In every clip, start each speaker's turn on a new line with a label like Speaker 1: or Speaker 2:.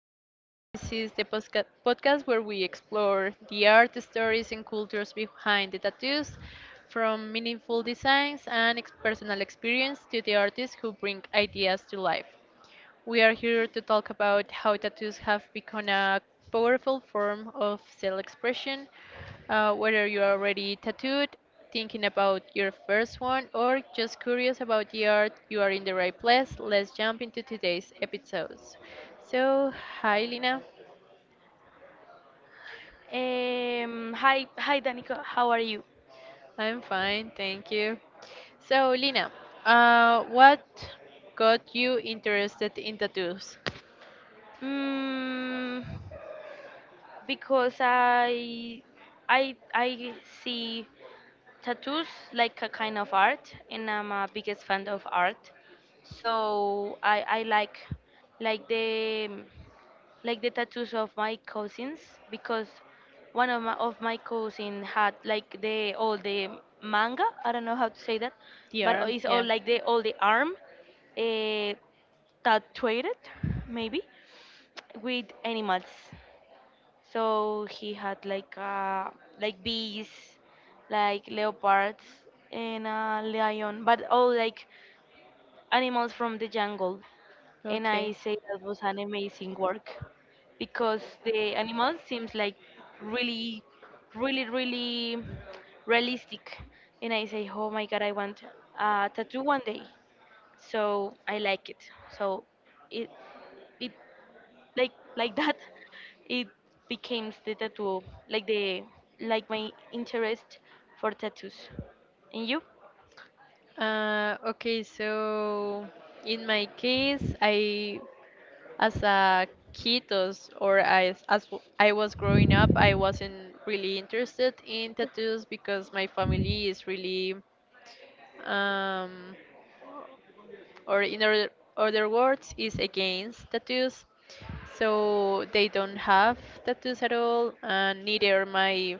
Speaker 1: podcast. This is the podcast where we explore the art, stories, and cultures behind the tattoos, from meaningful designs and personal experience to the artists who bring ideas to life. We are here to talk about how tattoos have become a powerful form of self expression, whether you're already tattooed, thinking about your first one, or just curious about the art, you are in the right place. Let's jump into today's episodes. So, hi Lina,
Speaker 2: Hi, Danica. How are you?
Speaker 1: I'm fine, thank you. So, Lina, what got you interested in tattoos?
Speaker 2: Mm, because I see tattoos like a kind of art, and I'm a biggest fan of art. So I like, like the, like the tattoos of my cousins because one of my cousin had like the all the manga. I don't know how to say that,
Speaker 1: The
Speaker 2: but
Speaker 1: arm,
Speaker 2: it's all
Speaker 1: yeah.
Speaker 2: like the all the arm. Uh, Tattooed, maybe with animals. So he had like like bees, like leopards and a lion, but all like animals from the jungle. And I
Speaker 1: Okay.
Speaker 2: say that was an amazing work because the animals seems like really, really, really realistic. And I say, oh my god, I want a tattoo one day. So I like it. So it it like that. It became the tattoo like the, like my interest for tattoos, and you
Speaker 1: Okay, so in my case, I, as a kiddos or as w- I was growing up, I wasn't really interested in tattoos because my family is really, um, or in other words, is against tattoos. So they don't have tattoos at all, and neither my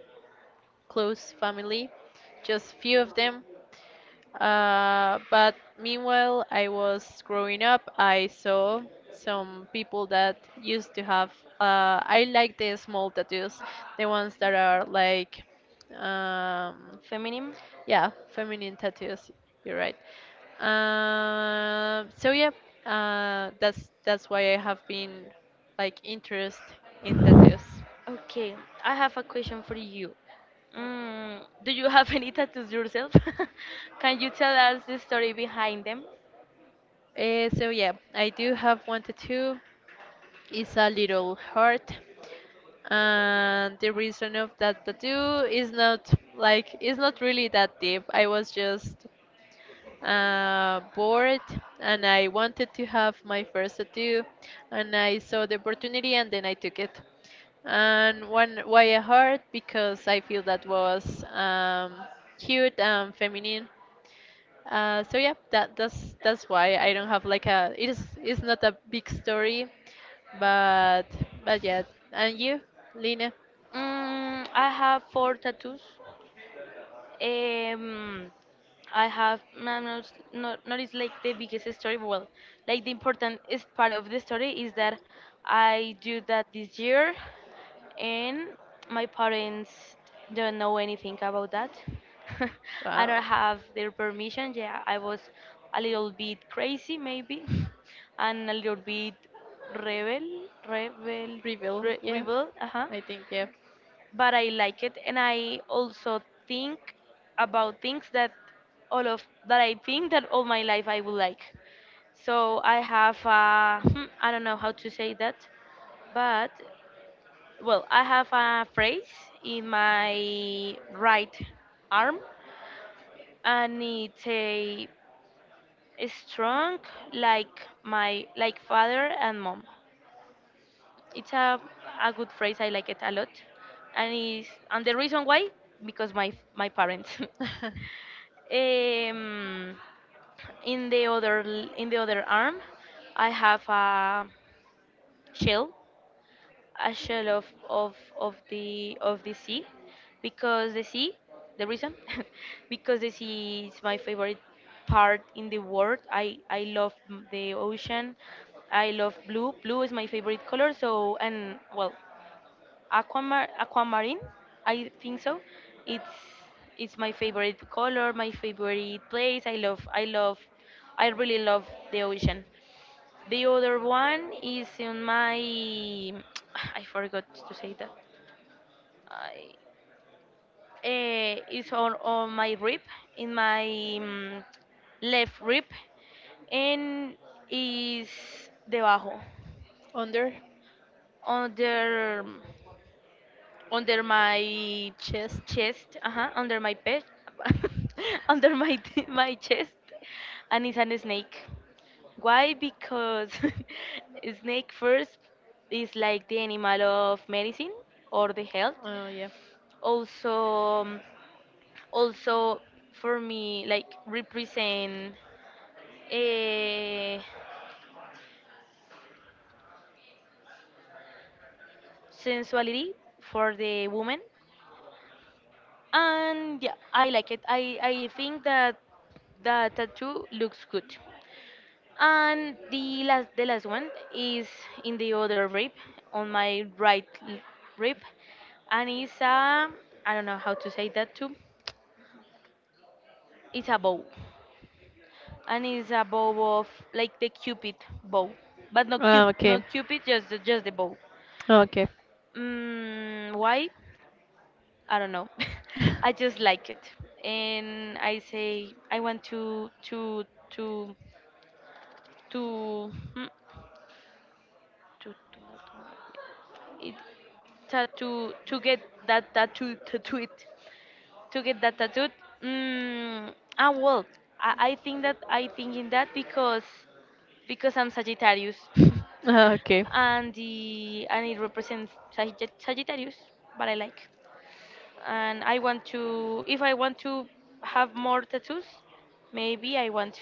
Speaker 1: close family, just few of them. But meanwhile, I was growing up, I saw some people that used to have. I like the small tattoos, the ones that are like, um,
Speaker 2: feminine.
Speaker 1: yeah, feminine tattoos. You're right. So yeah, that's why I have been like interest in tattoos.
Speaker 2: Okay, I have a question for you. Do you have any tattoos yourself? Can you tell us the story behind them?
Speaker 1: So yeah, I do have one tattoo. It's a little heart, and the reason of that tattoo is not like it's not really that deep. I was just bored, and I wanted to have my first tattoo, and I saw the opportunity, and then I took it. And one, why a heart? Because I feel that was cute and feminine. So yeah, that's why I don't have like a it is it's not a big story, but yeah. And you, Lina?
Speaker 2: I have four tattoos. Um, I have not is like the biggest story, but well, like the important is part of the story is that I do that this year, and my parents don't know anything about that. I don't
Speaker 1: Wow.
Speaker 2: have their permission. Yeah, I was a little bit crazy maybe, and a little bit rebel, rebel,
Speaker 1: Reveal, yeah.
Speaker 2: rebel. Uh huh.
Speaker 1: I think yeah.
Speaker 2: But I like it, and I also think about things that all of that I think that all my life I would like. So I have a, I don't know how to say that, but well, I have a phrase in my right arm, and it's a strong like my like father and mom. It's a good phrase. I like it a lot, and is and the reason why because my parents. Um, in the in the other arm, I have shell, a shell of the sea, because the sea, the reason, because the sea is my favorite part in the world. I love the ocean. I love blue. Blue is my favorite color. So and well, aquamarine, I think so. It's it's my favorite color, my favorite place. I love I really love the ocean. The other one is in my I forgot to say that. I it's on my rib in my left rib and is debajo
Speaker 1: Under
Speaker 2: under my
Speaker 1: chest.
Speaker 2: chest, under my pet, under my chest, and it's a snake. Why? Because a snake first is like the animal of medicine or the health.
Speaker 1: Oh yeah.
Speaker 2: Also, also for me, like represent a sensuality for the woman, and yeah, I like it. I think that the tattoo looks good. And the last one is in the other rib, on rib, and it's a, I don't know how to say that too. It's a bow, and it's a bow of like the cupid bow, but
Speaker 1: Oh, okay.
Speaker 2: not cupid, just the bow.
Speaker 1: Okay.
Speaker 2: Why? I don't know. I just like it, and I say I want to to. To not to- it tattoo to get that tattoo tattoo it to get that tattoo. Well, I think that I think in that because I'm Sagittarius,
Speaker 1: Okay.
Speaker 2: and the and it represents Sagittarius, but I like and I want to if I want to have more tattoos, maybe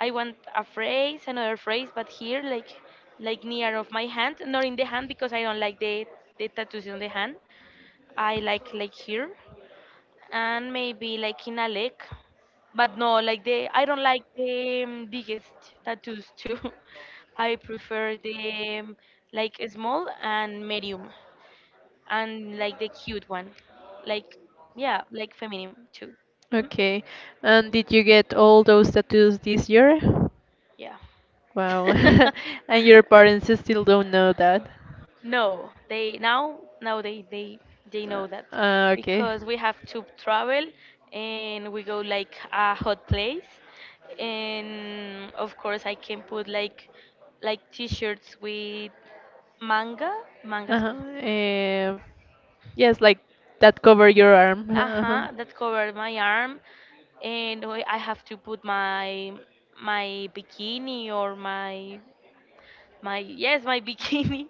Speaker 2: I want a phrase, another phrase, but here like near of my hand, not in the hand because I don't like the tattoos on the hand. I like here and maybe like in a leg, but no like the I don't like the biggest tattoos too. I prefer the like small and medium and like the cute one, like yeah, like feminine too. Hmm
Speaker 1: Okay. And did you get all those tattoos this year?
Speaker 2: Yeah.
Speaker 1: Wow. And your parents still don't know that.
Speaker 2: No, they now they know that
Speaker 1: Okay.
Speaker 2: because we have to travel and we go like a hot place and of course I can put like t-shirts with manga mangas.
Speaker 1: Uh-huh. Yes, like that cover your arm.
Speaker 2: Uh-huh, that covered my arm. And I
Speaker 1: Uh-huh.
Speaker 2: have to put my my bikini or my my bikini.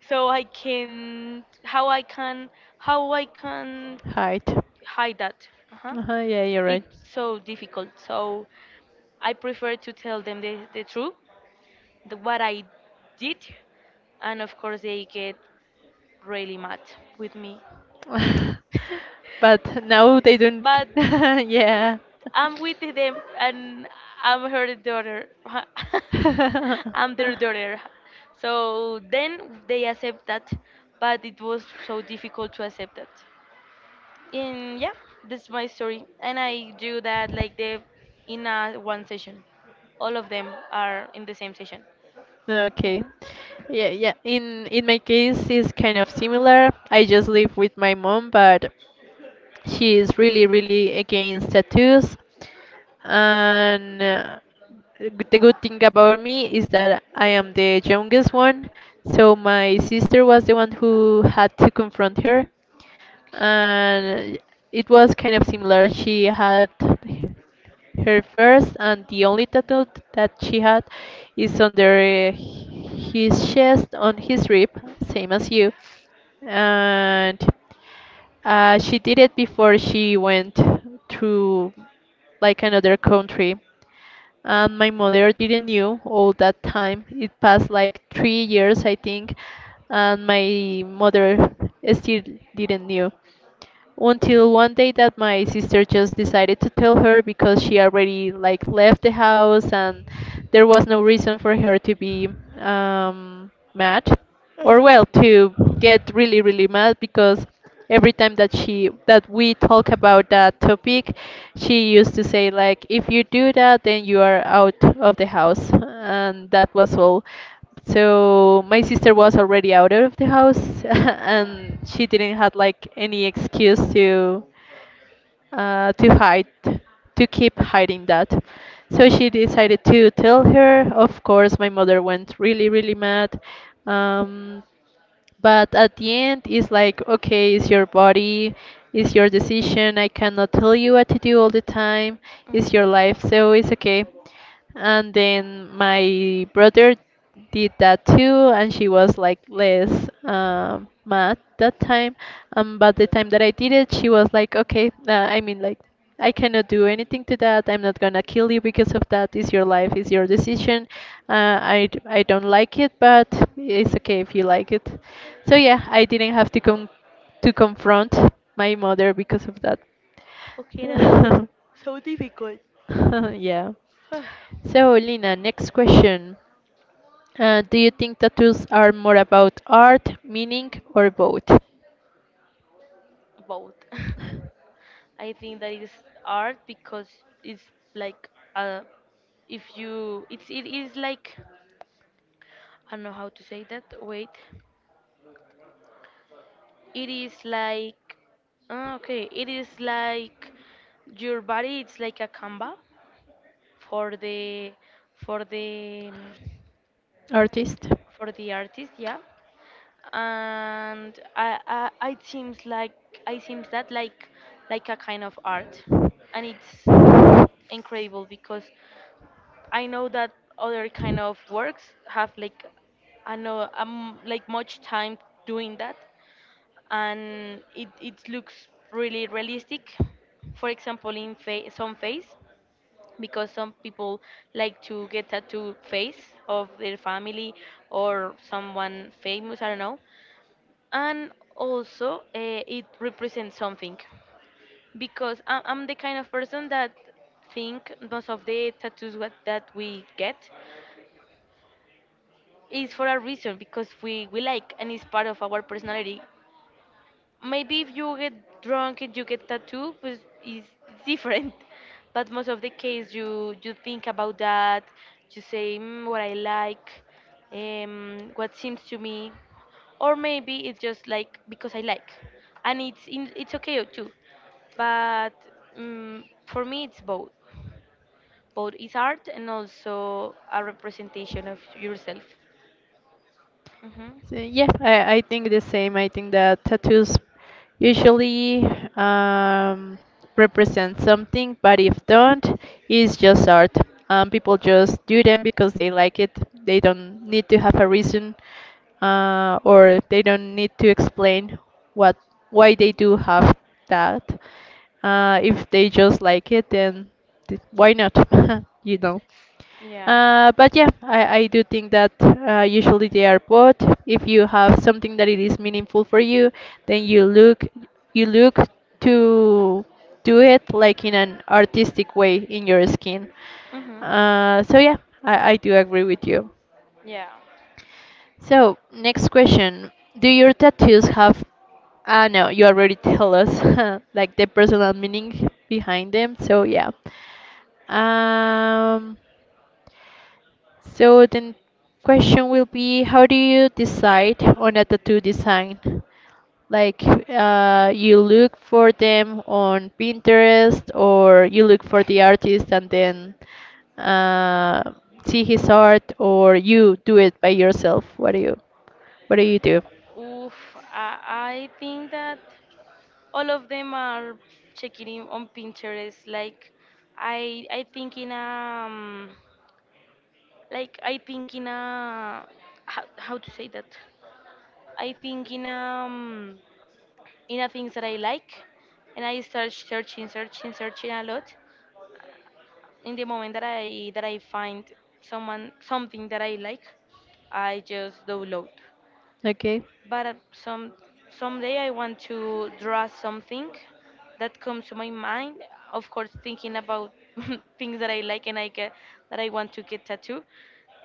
Speaker 2: So I can how I can how I can
Speaker 1: can Height.
Speaker 2: hide that. Uh-huh.
Speaker 1: Uh-huh, yeah, you're right.
Speaker 2: It's so difficult, so I prefer to tell them the truth, what I did, and of course they get really mad with me,
Speaker 1: But now they don't.
Speaker 2: but
Speaker 1: Yeah.
Speaker 2: I'm with them and I'm her daughter. I'm their daughter. So then they accept that, but it was so difficult to accept that. And yeah, that's my story. And I do that like the in a one session. All of them are in the same session.
Speaker 1: Okay. Yeah, yeah. In my case, it's kind of similar. I just live with my mom, but she is really, really against tattoos. And the good thing about me is that I am the youngest one, so my sister was the one who had to confront her, and it was kind of similar. She had her first and the only tattoo that she had is under his chest on his rib, same as you. And she did it before she went to like another country. And my mother didn't knew all that time. It passed like 3 years, I think, and my mother still didn't knew until one day that my sister just decided to tell her because she already like left the house, and there was no reason for her to be mad, or
Speaker 2: Uh-huh.
Speaker 1: well, to get really, really mad, because every time that we talk about that topic, she used to say, like, if you do that, then you are out of the house, and that was all. So my sister was already out of the house, and she didn't have like any excuse to hide, to keep hiding that. So she decided to tell her. Of course, my mother went really, really mad. Um, but at the end, it's like, okay, it's your body, it's your decision. I cannot tell you what to do all the time. It's your
Speaker 2: Mhm.
Speaker 1: life, so it's okay. And then my brother did that too, and she was like less mad that time. But the time that I did it, she was like, okay, I mean, like, I cannot do anything to that. I'm not gonna kill you because of that. It's your life, it's your decision. I don't like it, but it's okay if you like it. So yeah, I didn't have to con to confront my mother because of that.
Speaker 2: Okay, now it
Speaker 1: Yeah.
Speaker 2: was.
Speaker 1: So, Lina, next question. Do you think tattoos are more about art, meaning, or both?
Speaker 2: Both. I think that is art because it's like uh, if you it's it is like I don't know how to say that. Wait, it is like okay, it is like your body. It's like a canvas for the for the
Speaker 1: Artist?
Speaker 2: for the artist, yeah. And it seems like I seems that like a kind of art, and it's incredible because I know that other kind of works have like I know like much time doing that, and it looks really realistic. For example, in some face because some people like to get tattoo face of their family or someone famous, I don't know. And also it represents something because I'm the kind of person that think most of the tattoos that we get is for a reason because we like and it's part of our personality. Maybe if you get drunk and you get tattoo pues is it's different. But most of the case you you think about that. You say what I like, what seems to me, or maybe it's just like because I like, and it's it's okay too, but for me it's both. Both is art and also a representation of yourself. Hmm
Speaker 1: So, yeah, I think the same. I think that tattoos usually um, represent something, but if don't, it's just art. People just do them because they like it. They don't need to have a reason, or they don't need to explain what why they do have that. If they just like it, then why not? You know.
Speaker 2: Yeah.
Speaker 1: But yeah, I do think that usually they are both. If you have something that it is meaningful for you, then you look to do it like in an artistic way in your skin.
Speaker 2: hmm
Speaker 1: So yeah, I do agree with you.
Speaker 2: Yeah.
Speaker 1: So next question: Do your tattoos have? Ah no, you already tell us like the personal meaning behind them. So yeah. Um. So the question will be, how do you decide on a tattoo design? Like you look for them on Pinterest, or you look for the artist and then uh, see his art, or you do it by yourself. What do you do?
Speaker 2: Oof, I think that all of them are checking in on Pinterest. Like, I think in like I think in a how to say that? I think in a things that I like, and I start searching a lot. In the moment that I find someone something that I like, I just download.
Speaker 1: Okay.
Speaker 2: But someday I want to draw something that comes to my mind. Of course, thinking about things that I like and I get that I want to get tattoo,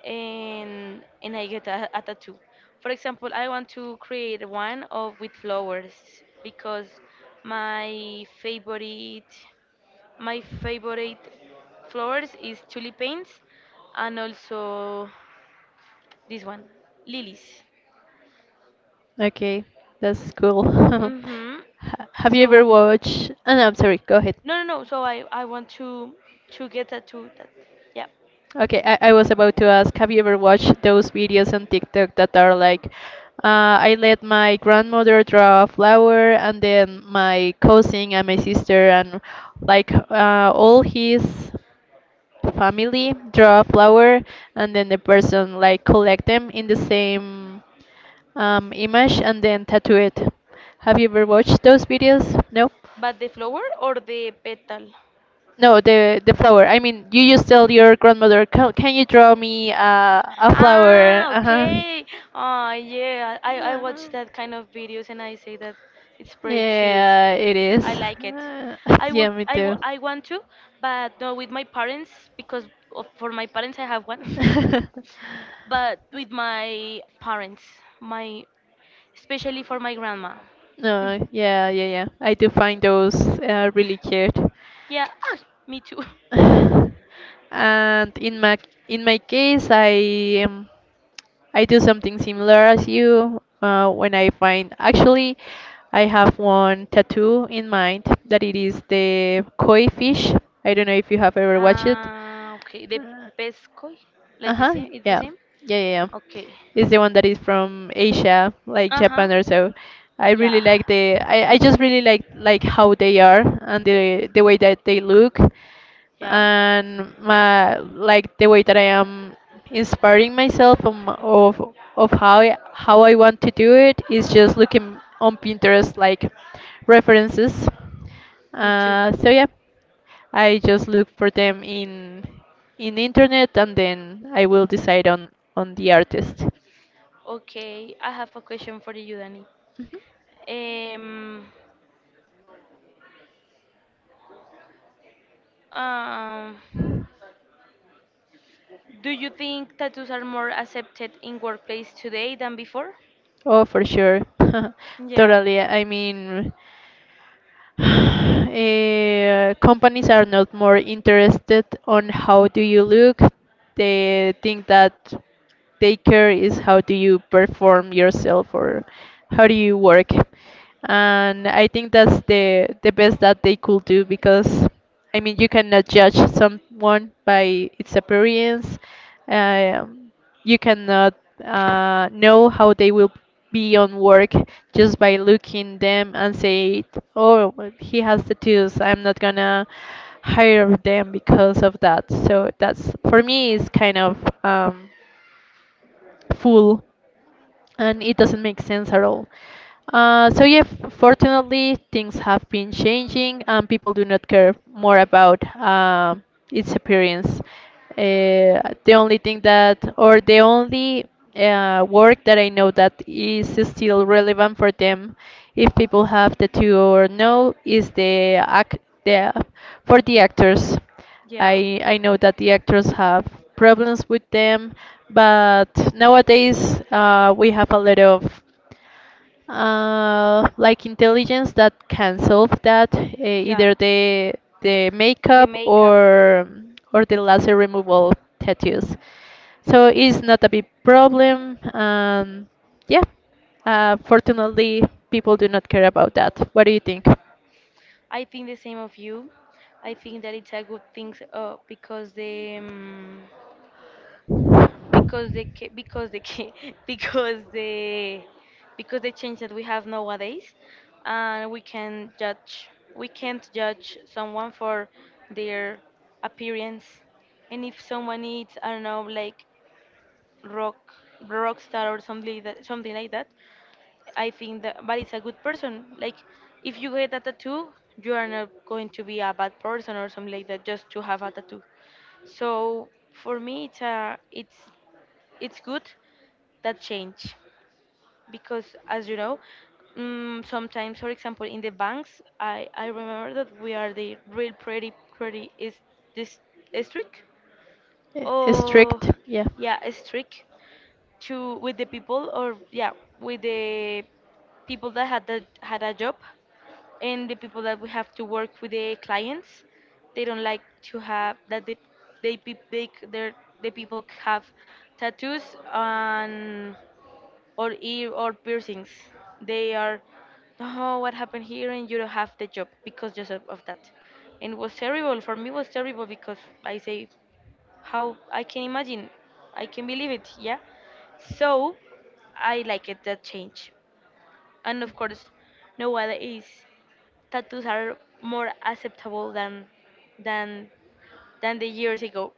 Speaker 2: and I get a tattoo. For example, I want to create one of with flowers because my favorite my favorite flowers is tulipanes and also this one lilies.
Speaker 1: Okay. That's cool.
Speaker 2: Mhm.
Speaker 1: Have you
Speaker 2: So.
Speaker 1: ever watched? Oh, no, I'm sorry. Go ahead.
Speaker 2: No, no, no. So I want to get a to that. Yeah.
Speaker 1: Okay, I was about to ask, have you ever watched those videos on TikTok that are like, I let my grandmother draw a flower, and then my cousin and my sister and like all his family draw a flower, and then the person like collect them in the same image and then tattoo it. Have you ever watched those videos? No?
Speaker 2: But the flower or the petal?
Speaker 1: No, the flower. I mean, you just tell your grandmother, "Ca- Can you draw me a flower?"
Speaker 2: Ah,
Speaker 1: Uh-huh.
Speaker 2: okay. Oh, yeah. I
Speaker 1: Uh-huh.
Speaker 2: watch that kind of videos and I say that it's pretty cute.
Speaker 1: Yeah, it is.
Speaker 2: I like it.
Speaker 1: Uh, yeah, me too.
Speaker 2: I want to, but no with my parents because for my parents I have one. But with my parents, my especially for my grandma. Mm.
Speaker 1: No, yeah, yeah, yeah. I do find those really cute.
Speaker 2: Yeah, me too.
Speaker 1: and in my case, I do something similar as you when I find actually I have one tattoo in mind that it is the koi fish. I don't know if you have ever watched it.
Speaker 2: Ah, okay. The pescoy,
Speaker 1: Uh
Speaker 2: like the
Speaker 1: huh.
Speaker 2: same. It's the
Speaker 1: Yeah.
Speaker 2: same.
Speaker 1: Yeah. Yeah. Yeah.
Speaker 2: Okay.
Speaker 1: It's the one that is from Asia, like
Speaker 2: Uh huh.
Speaker 1: Japan or so. I really
Speaker 2: Yeah.
Speaker 1: like the. I just really like how they are and the way that they look,
Speaker 2: Yeah.
Speaker 1: and my like the way that I am inspiring myself of how how I want to do it is just looking on Pinterest like references.
Speaker 2: Me too.
Speaker 1: So yeah, I just look for them in internet, and then I will decide on the artist.
Speaker 2: Okay. I have a question for you, Danny.
Speaker 1: Mhm.
Speaker 2: Um. Um. Do you think tattoos are more accepted in workplace today than before?
Speaker 1: Oh, for sure.
Speaker 2: Yeah,
Speaker 1: Totally. I mean, companies are not more interested on how do you look. They think that take care is how do you perform yourself or how do you work, and I think that's the best that they could do, because I mean, you cannot judge someone by its appearance, um, you cannot know how they will be on work just by looking them and say, oh well, he has tattoos, I'm not gonna hire them because of that. So that's for me is kind of um, full, and it doesn't make sense at all. So yeah, fortunately, things have been changing, and people do not care more about its appearance. The only thing that, or the only work that I know that is still relevant for them, if people have the two or no, is the act, the, for the actors.
Speaker 2: yeah,
Speaker 1: I know that the actors have problems with them, but nowadays we have a lot of like intelligence that can solve that,
Speaker 2: yeah.
Speaker 1: either the
Speaker 2: The
Speaker 1: makeup
Speaker 2: makeup,
Speaker 1: or the laser removal tattoos. So it's not a big problem. Yeah, fortunately people do not care about that. What do you think?
Speaker 2: I think the same of you. I think that it's a good thing because the because they ca- because they ca- because the because the change that we have nowadays, and we can judge we can't judge someone for their appearance. And if someone is I don't know like rock rock star or something like that, I think that but it's a good person. Like if you get a tattoo you are not going to be a bad person or something like that just to have a tattoo. So for me it's a it's good that change, because as you know, sometimes for example in the banks I remember that we are the real pretty is this strict. Oh,
Speaker 1: Strict? Yeah.
Speaker 2: yeah, strict to with the people or yeah with the people that had that had a job, and the people that we have to work with the clients, they don't like to have that. They, pe- they c- their The people have tattoos and or ear or piercings. They are, oh, what happened here, and you don't have the job because just of that. And it was terrible for me. It was terrible because I say, how I can imagine, I can believe it, yeah. So I like it that change, and of course, no other is tattoos are more acceptable than than the years ago.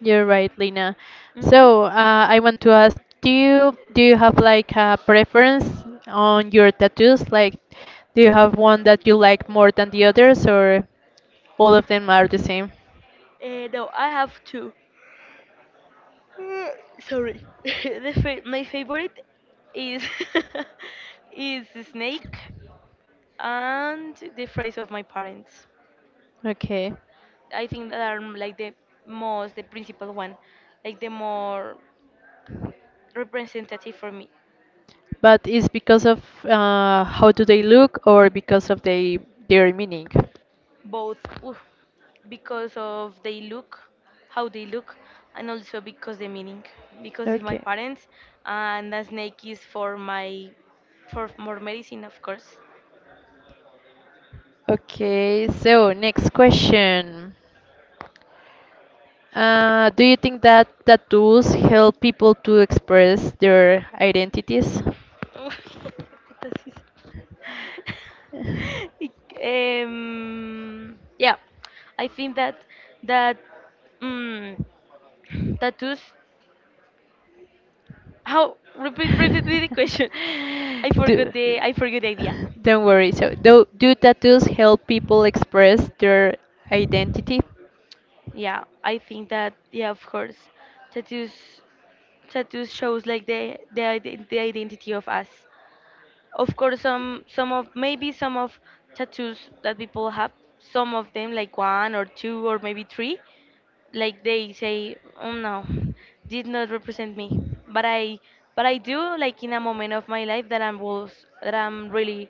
Speaker 1: You're right, Lina.
Speaker 2: Mm-hmm.
Speaker 1: So, I want to ask, do you have like a preference on your tattoos? Like, do you have one that you like more than the others, or all of them are the same?
Speaker 2: No, I have two. Uh, Sorry. My favorite is is the snake and the phrase of my parents.
Speaker 1: Okay,
Speaker 2: I think that are like the principal one, like the more representative for me.
Speaker 1: but it's because of how do they look, or because of they their meaning?
Speaker 2: Both. oof, because of they look, how they look, and also because the meaning. Because it's my
Speaker 1: Okay.
Speaker 2: parents, and the snake is for more medicine, of course.
Speaker 1: Okay, so next question. Do you think that tattoos help people to express their identities?
Speaker 2: Uy, qué putas hice. Yeah, I think that um, tattoos. How repeat the question?
Speaker 1: do,
Speaker 2: I forgot the idea.
Speaker 1: don't worry. So, do tattoos help people express their identity?
Speaker 2: Yeah, I think that yeah, of course, tattoos tattoos shows like the identity of us. Of course, some of tattoos that people have, some of them like one or two or maybe three, like they say, oh no, did not represent me. But i but i do, like, in a moment of my life that I'm was that I'm really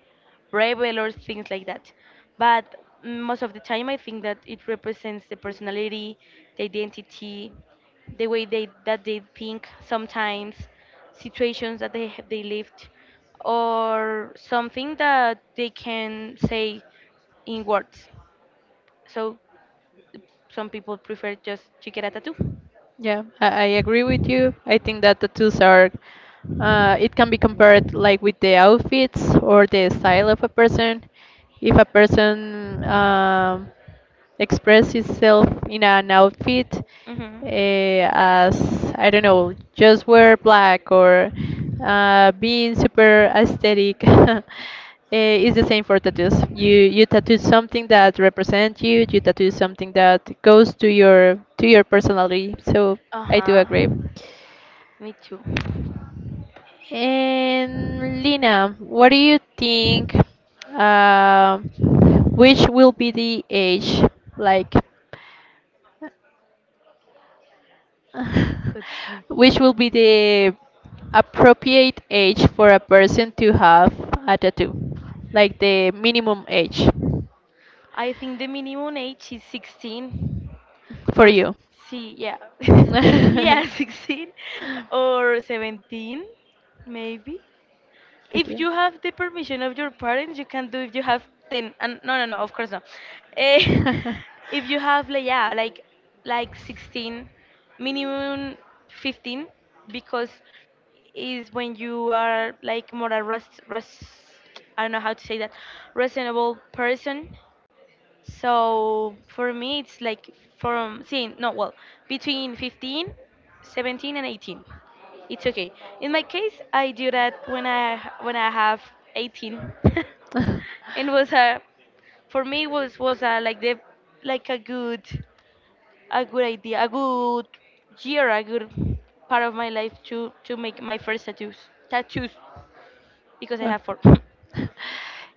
Speaker 2: rebel or things like that. But most of the time I think that it represents the personality, the identity, the way they that they think, sometimes situations that they have they lived, or something that they can say in words. So some people prefer just to get a tattoo.
Speaker 1: Yeah, I agree with you. I think that tattoos are, it can be compared like with the outfits or the style of a person. If a person expresses itself in an outfit,
Speaker 2: Mm-hmm.
Speaker 1: as I don't know, just wear black or being super aesthetic Is the same for tattoos. You tattoo something that represents you. You tattoo something that goes to your personality. So I do
Speaker 2: Uh-huh.
Speaker 1: agree.
Speaker 2: Me too.
Speaker 1: And Lina, what do you think? Uh, which will be the age like?
Speaker 2: Continue.
Speaker 1: Which will be the appropriate age for a person to have a tattoo? Like the minimum age
Speaker 2: I think the minimum age is 16
Speaker 1: for
Speaker 2: or
Speaker 1: you.
Speaker 2: see, yeah. yeah, 16 or 17 maybe. If
Speaker 1: Okay.
Speaker 2: you have the permission of your parents, you can do if you have 10. And no, no, no, of course not. Eh, if you have, like, yeah, like, 16, minimum 15, because is when you are like more a rest, I don't know how to say that, reasonable person. So for me, it's like from seeing, no, well, between 15, 17, and 18. It's okay. In my case, I do that when I have 18. it was a for me was a, like the like a good idea, a good year, a good part of my life to make my first tattoos because I have four.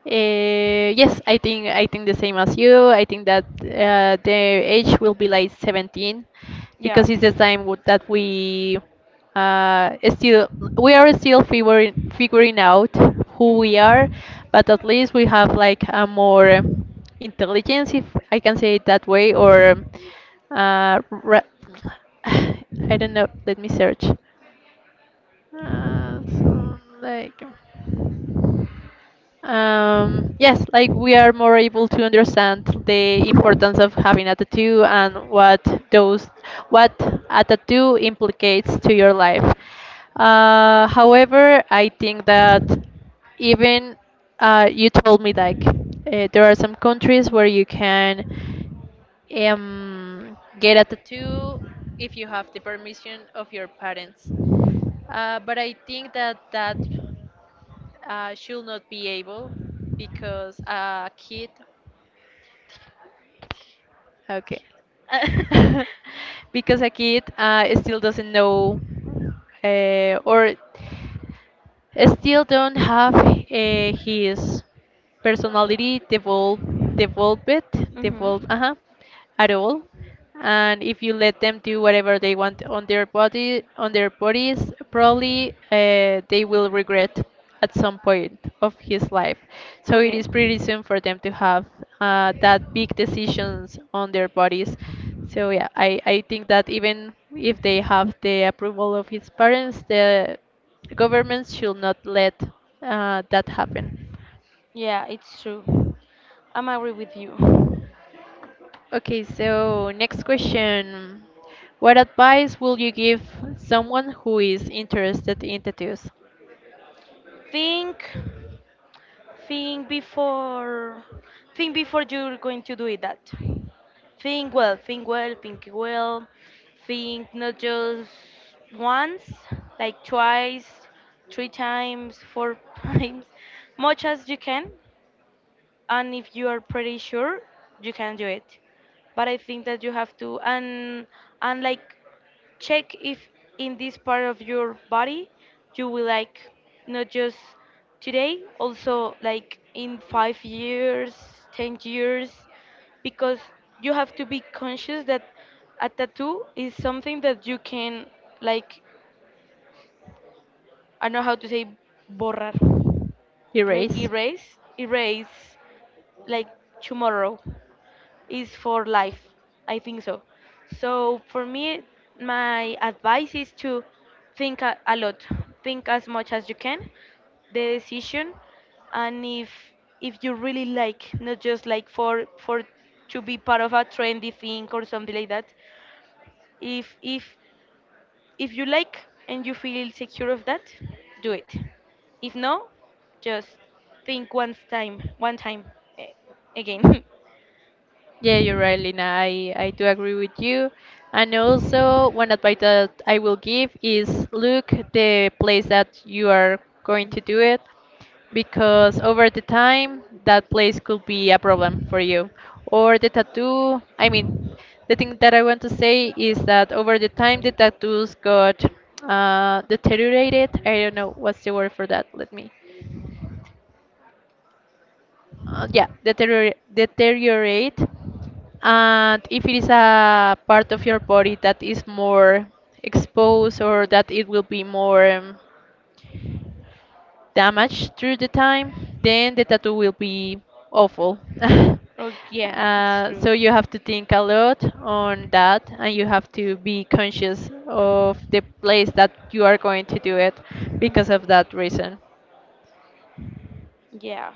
Speaker 1: Yes, I think the same as you. I think that the age will be like 17
Speaker 2: yeah.
Speaker 1: because it's the time that we still we are still figuring out who we are,
Speaker 2: Mhm.
Speaker 1: but at least we have like a more intelligence, if I can say it that way, or uh, ra- I don't know. Let me search. Uh, so like. Yes, like we are more able to understand the importance of having a tattoo and those what a tattoo implicates to your life. However, I think that even you told me like there are some countries where you can get a tattoo if you have the permission of your parents. But I think that should not be able because a kid okay, because a kid still doesn't know or still don't have his personality develop, developed, develop,
Speaker 2: mhm.
Speaker 1: uh at all. And if you let them do whatever they want on their bodies, probably they will regret at some point of his life. So it
Speaker 2: Okay.
Speaker 1: is pretty soon for them to have that big decisions on their bodies. So yeah, I think that even if they have the approval of his parents, the Governments should not let that happen.
Speaker 2: Yeah, it's true. I'm agree with you.
Speaker 1: Okay, so next question. What advice will you give someone who is interested in tattoos?
Speaker 2: Think, think before, think before you're going to do it. That. Think well, think well, think well. Think not just once, like twice, three times, four times, much as you can. And if you are pretty sure, you can do it. But I think that you have to, and, like, check if in this part of your body you will like, not just today, also like in 5 years, 10 years, because you have to be conscious that a tattoo is something that you can, like, I don't know how to say, borrar, like
Speaker 1: Erase.
Speaker 2: erase, like tomorrow, is for life. I think so. So for me, my advice is to think a lot, think as much as you can, the decision, and if you really like, not just like for to be part of a trendy thing or something like that. If if if you like and you feel secure of that, do it. If no, just think once time, one time, eh, again.
Speaker 1: Yeah, you're right, Lina. I do agree with you. And also, one advice that I will give is look the place that you are going to do it, because over the time, that place could be a problem for you. Or the tattoo, I mean, the thing that I want to say is that over the time, the tattoos got deteriorated. I don't know what's the word for that. Let me yeah, deteriorate. And if it is a part of your body that is more exposed or that it will be more damaged through the time, then the tattoo will be awful.
Speaker 2: oh yeah, it's
Speaker 1: Uh,
Speaker 2: true.
Speaker 1: so you have to think a lot on that, and you have to be conscious of the place that you are going to do it because of that
Speaker 2: Mhm.
Speaker 1: reason.
Speaker 2: Yeah.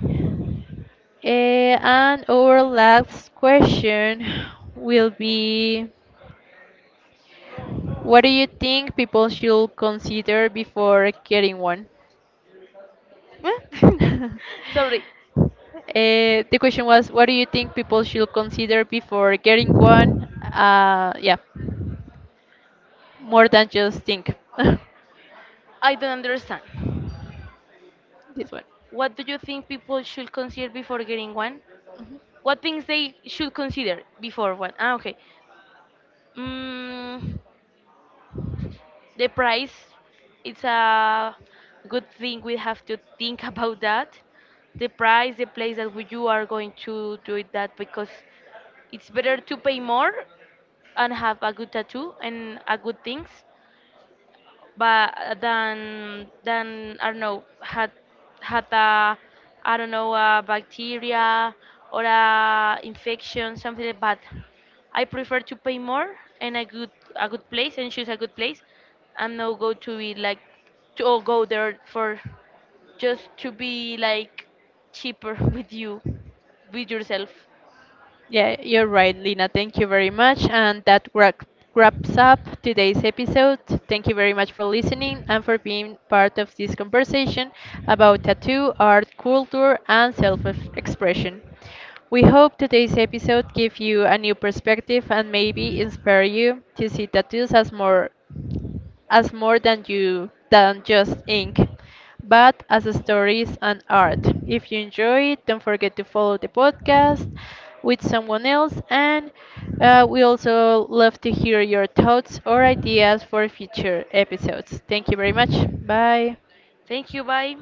Speaker 1: And our last question will be, what do you think people should consider before getting one?
Speaker 2: Huh? Sorry,
Speaker 1: The question was, what do you think people should consider before getting one? Yeah, more than just think.
Speaker 2: I don't understand.
Speaker 1: this one.
Speaker 2: What do you think people should consider before getting one? What things they should consider before one? Ah, okay. Mm, the price, it's a good thing we have to think about that. The price, the place that you are going to do it that because it's better to pay more and have a good tattoo and a good things but then I don't know had a, I don't know, a bacteria or a infection something like that. I prefer to pay more and a good place and choose a good place and not go to be like to or go there for just to be like cheaper with yourself.
Speaker 1: Yeah, you're right, Lina. Thank you very much. And that wraps up today's episode. Thank you very much for listening and for being part of this conversation about tattoo, art, culture, and self expression. We hope today's episode gave you a new perspective and maybe inspire you to see tattoos as more than you than just ink, but as stories and art. If you enjoy it, don't forget to follow the podcast with someone else, and we also love to hear your thoughts or ideas for future episodes. Thank you very much. Bye.
Speaker 2: Thank you. Bye.